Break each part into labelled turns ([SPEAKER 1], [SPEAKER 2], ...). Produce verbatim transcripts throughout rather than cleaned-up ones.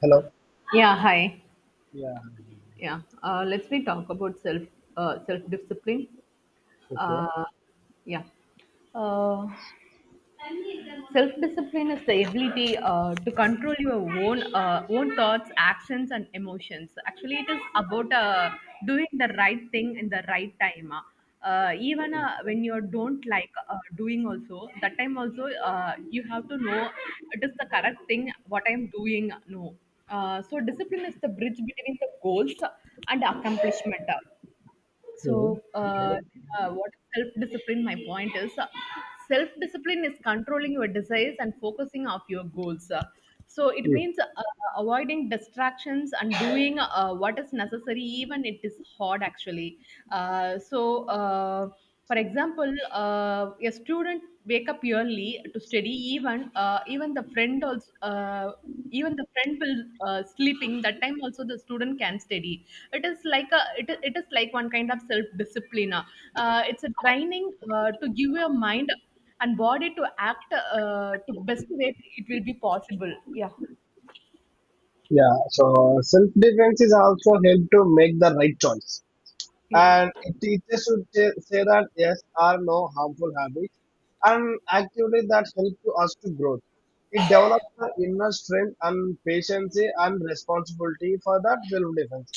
[SPEAKER 1] Hello.
[SPEAKER 2] Yeah, hi.
[SPEAKER 1] Yeah.
[SPEAKER 2] Yeah, uh, let's we talk about self uh, self discipline.
[SPEAKER 1] Okay.
[SPEAKER 2] Uh, yeah, Uh, Self-discipline is the ability uh, to control your own uh, own thoughts, actions, and emotions. Actually, it is about uh, doing the right thing in the right time. Uh, even uh, when you don't like uh, doing, also that time also uh, you have to know it is the correct thing what I am doing. No, uh, so discipline is the bridge between the goals and accomplishment.
[SPEAKER 1] Hmm.
[SPEAKER 2] So, uh,
[SPEAKER 1] Okay.
[SPEAKER 2] uh, what self discipline? My point is uh, self discipline is controlling your desires and focusing of your goals. Uh, so, it
[SPEAKER 1] Hmm.
[SPEAKER 2] means uh, avoiding distractions and doing uh, what is necessary, even it is hard actually. Uh, so, uh, for example, uh, a student wake up early to study. Even uh, even the friend also. Uh, even the friend will uh, sleeping that time also the student can study. It is like a it, i- it is like one kind of self discipline. Uh, it's a training uh, to give your mind and body to act, uh, to best way it will be possible. yeah
[SPEAKER 1] Yeah. So self defense is also help to make the right choice,
[SPEAKER 2] yeah
[SPEAKER 1] and it teaches should say say that yes are no harmful habits, and actively that help to us to grow. It develops the inner strength and patience and responsibility for that self defense.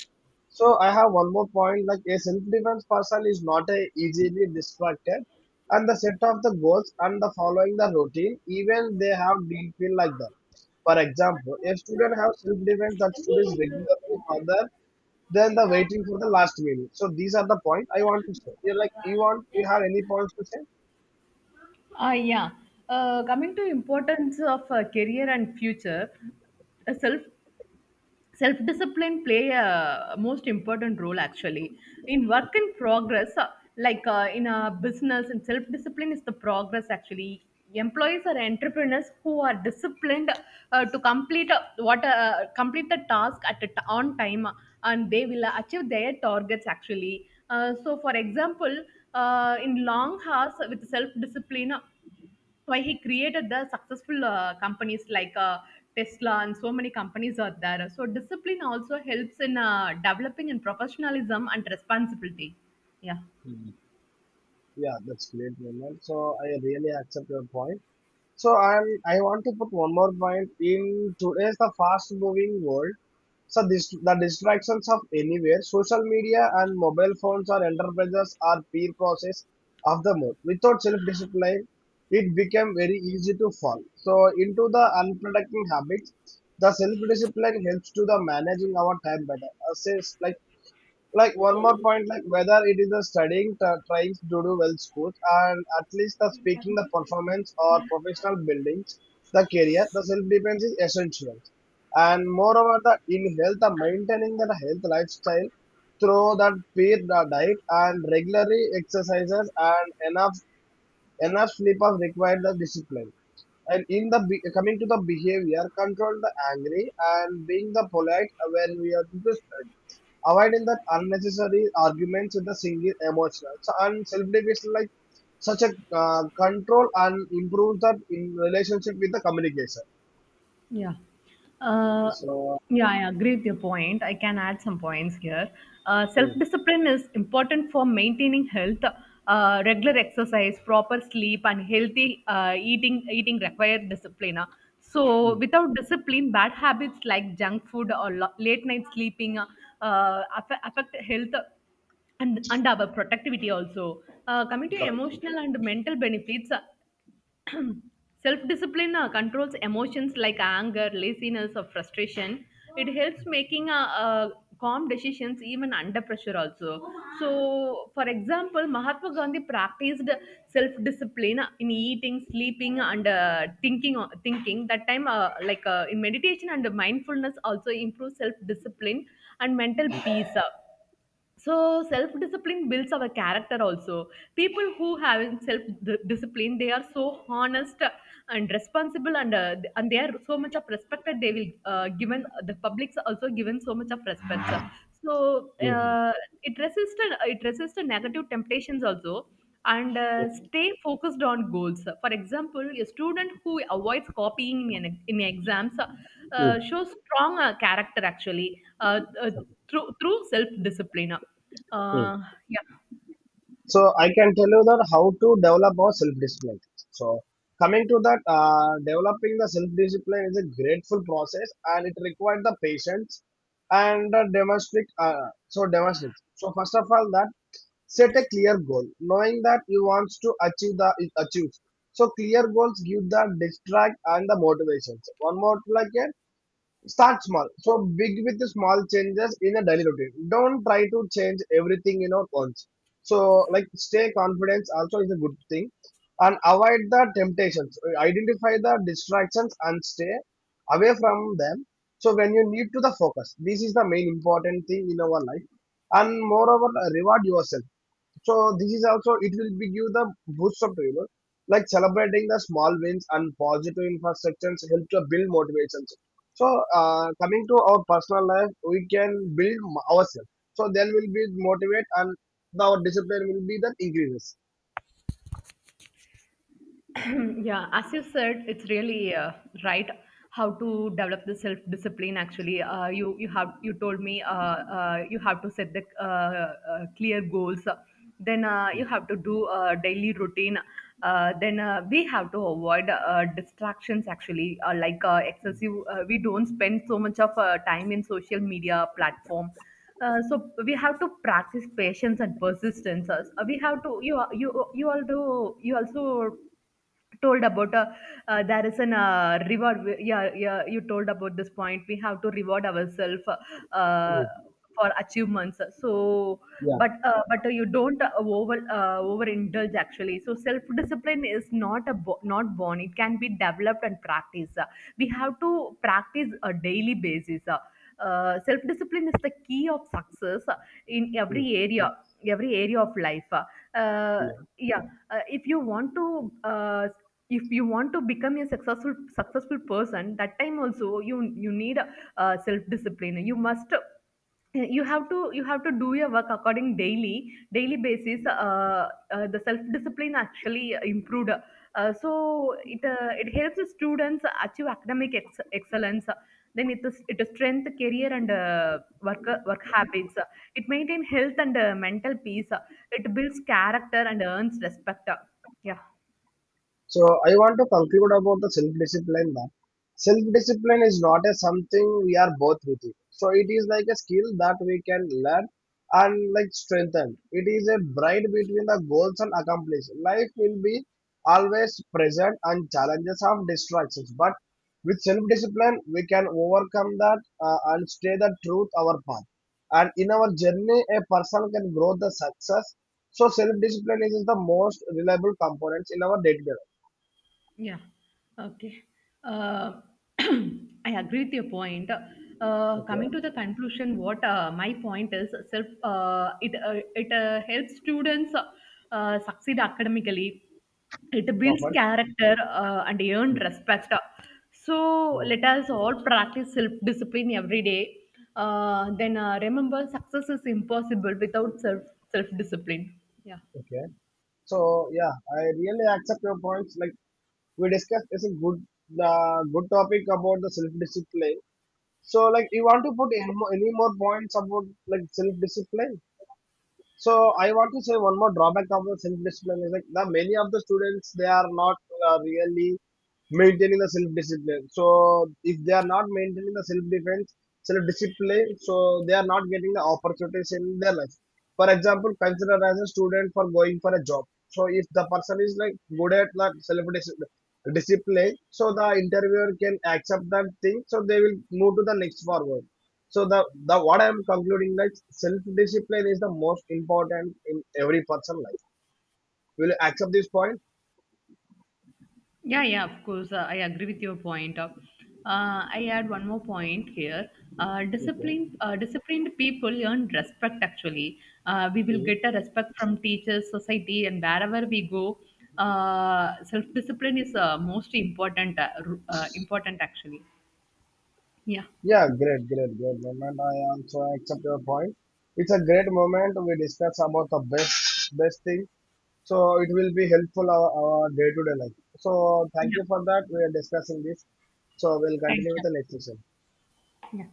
[SPEAKER 1] So I have one more point like a self-defense person is not a easily distracted and the set of the goals and the following the routine even they have did feel like that. For example, a student have self-defense that students regularly other than the waiting for the last minute. So these are the points I want to say. You're like you want you have any points to say?
[SPEAKER 2] Ah, yeah. Uh, coming to importance of uh, career and future, uh, self self discipline play a most important role actually, in work in progress, uh, like uh, in a business, and self discipline is the progress actually. Employees or entrepreneurs who are disciplined uh, to complete uh, what uh, complete the task at a t- on time uh, and they will achieve their targets actually. Uh, so for example, uh, in long hours with self discipline, so, why he created the successful uh, companies like uh, Tesla and so many companies are there. So discipline also helps in uh, developing in professionalism and responsibility. Yeah.
[SPEAKER 1] Yeah, that's great, Vimal. So I really accept your point. So I'm I want to put one more point in today's the fast moving world. So this the distractions of anywhere, social media and mobile phones or enterprises are peer process of the mood. Without self discipline, it became very easy to fall. So into the unproductive habits, the self discipline helps to the managing our time better. Assess like like one more point like whether it is the studying t- trying to do well schools and at least the speaking the performance or professional buildings the career the self-defense is essential, and moreover the in health the maintaining the health lifestyle through that fair the diet and regularly exercises and enough enough sleep of required the discipline, and in the be- coming to the behavior control the angry and being the polite when we are to study, avoiding that unnecessary arguments with the single emotional so, and self-deprecation like such a uh, control and improves that in relationship with the communication.
[SPEAKER 2] Yeah. Uh,
[SPEAKER 1] So
[SPEAKER 2] yeah, I agree with your point. I can add some points here. Uh, Self
[SPEAKER 1] mm.
[SPEAKER 2] discipline is important for maintaining health. Uh, regular exercise, proper sleep, and healthy uh, eating eating require discipline. uh. So,
[SPEAKER 1] Mm.
[SPEAKER 2] without discipline, bad habits like junk food or lo- late night sleeping uh, uh, affect, affect health and, and our productivity also. Uh, coming to
[SPEAKER 1] Correct.
[SPEAKER 2] emotional and mental benefits, self discipline uh, controls emotions like anger, laziness, or frustration. It helps making uh, uh, calm decisions even under pressure, also. So, for example, Mahatma Gandhi practiced self discipline in eating, sleeping, and uh, thinking. uh, Thinking that time, uh, like uh, in meditation and mindfulness, also improves self discipline and mental
[SPEAKER 1] Mm.
[SPEAKER 2] peace. uh So self discipline builds our character also. People who have self di- discipline, they are so honest and responsible, and uh, and they are so much of respected. They will uh, given the public's also given so much of respect so
[SPEAKER 1] Mm.
[SPEAKER 2] uh, it resists it resists negative temptations also and uh,
[SPEAKER 1] Mm.
[SPEAKER 2] stay focused on goals. For example, a student who avoids copying in, an- in exams uh, shows strong uh, character actually, uh, uh, through, through self discipline.
[SPEAKER 1] Mm.
[SPEAKER 2] Uh, yeah.
[SPEAKER 1] So I can tell you that how to develop our self-discipline. So coming to that, uh, developing the self-discipline is a grateful process and it requires the patience and uh, demonstrate. Uh, so demonstrate. So first of all, that set a clear goal, knowing that you want to achieve the achieve. So clear goals give the distract and the motivations. One more like a. Start small. So big with the small changes in a daily routine. Don't try to change everything you know once. So like stay confident also is a good thing. And avoid the temptations. Identify the distractions and stay away from them. So when you need to the focus, this is the main important thing in our life. And moreover, reward yourself. So this is also it will give you the boost of you know like celebrating the small wins and positive infrastructures help to build motivations. So uh, coming to our personal life, we can build m- ourselves. So then we'll be motivated and our discipline will be that increases.
[SPEAKER 2] Yeah, as you said, it's really uh, right how to develop the self discipline. Actually, uh, you you have you told me uh, uh, you have to set the uh, uh, clear goals. Then uh, you
[SPEAKER 1] Mm.
[SPEAKER 2] have to do a daily routine. Uh, then uh, We have to avoid uh, distractions. Actually, uh, like uh, excessive, uh, we don't spend so much of uh, time in social media platform. Uh, so we have to practice patience and persistence. Uh, we have to you you you also you also told about uh, uh, there is an uh, reward w- yeah yeah you told about this point. We have to reward ourselves uh,
[SPEAKER 1] Mm.
[SPEAKER 2] for achievements, so
[SPEAKER 1] Yeah.
[SPEAKER 2] but uh, but you don't uh, over uh, overindulge actually. So self discipline is not a bo- not born, it can be developed and practiced. We have to practice a daily basis. Uh, self discipline is the key of success in every
[SPEAKER 1] Mm.
[SPEAKER 2] area every area of life. uh,
[SPEAKER 1] Yeah.
[SPEAKER 2] yeah uh, if you want to, uh, if you want to become a successful successful person, that time also you you need uh, self discipline. You must, uh, you have to you have to do your work according daily daily basis. Uh, uh, the self discipline actually improved uh, So it uh, it helps the students achieve academic ex- excellence. Then it is it is strength, career, and uh, work work habits. It maintains health and uh, mental peace. It builds character and earns respect. Yeah.
[SPEAKER 1] So I want to conclude about the self-discipline that self-discipline is not a something we are both with it. So it is like a skill that we can learn and like strengthen. It is a bride between the goals and accomplish. Life will be always present and challenges of distractions. But with self-discipline, we can overcome that uh, and stay the truth our path. And in our journey, a person can grow the success. So self-discipline is the most reliable components in our day-to-day life.
[SPEAKER 2] Yeah. Okay. Uh, I agree with your point. Uh, coming to
[SPEAKER 1] Okay,
[SPEAKER 2] the conclusion, what uh, my point is, self uh, it uh, it uh, helps students uh, succeed academically. It builds
[SPEAKER 1] perfect.
[SPEAKER 2] character uh, and earn
[SPEAKER 1] Mm.
[SPEAKER 2] respect. So
[SPEAKER 1] Mm.
[SPEAKER 2] let us all practice self discipline every day. Uh, then uh, Remember, success is impossible without self self discipline. Yeah.
[SPEAKER 1] Okay. So yeah, I really accept your points. Like we discussed, it's a good uh, good topic about the self discipline. So like, you want to put any more, any more points about like self discipline? So I want to say one more drawback of the self-discipline is like the many of the students they are not uh, really maintaining the self-discipline. So if they are not maintaining the self-defense, self-discipline, so they are not getting the opportunities in their life. For example, consider as a student for going for a job. So if the person is like good at that self-discipline, so the interviewer can accept that thing. So they will move to the next forward, so the the what I am concluding that self discipline is the most important in every person life. Will you accept this point?
[SPEAKER 2] Yeah, yeah, of course. Uh, I agree with your point. Uh, uh, I add one more point here. Uh, disciplined,
[SPEAKER 1] Okay.
[SPEAKER 2] uh, disciplined people earn respect. Actually, uh, we will
[SPEAKER 1] Mhm.
[SPEAKER 2] get a respect from teachers, society, and wherever we go. Uh, self-discipline is uh, most important. Uh, ru- uh, important, actually. Yeah.
[SPEAKER 1] Yeah, great, great, great moment. I also accept your point. It's a great moment we discuss about the best best thing. So it will be helpful our, our day-to-day life. So thank
[SPEAKER 2] Yeah.
[SPEAKER 1] you for that. We are discussing this. So we'll
[SPEAKER 2] Thank
[SPEAKER 1] continue with the next session.
[SPEAKER 2] you. Yeah.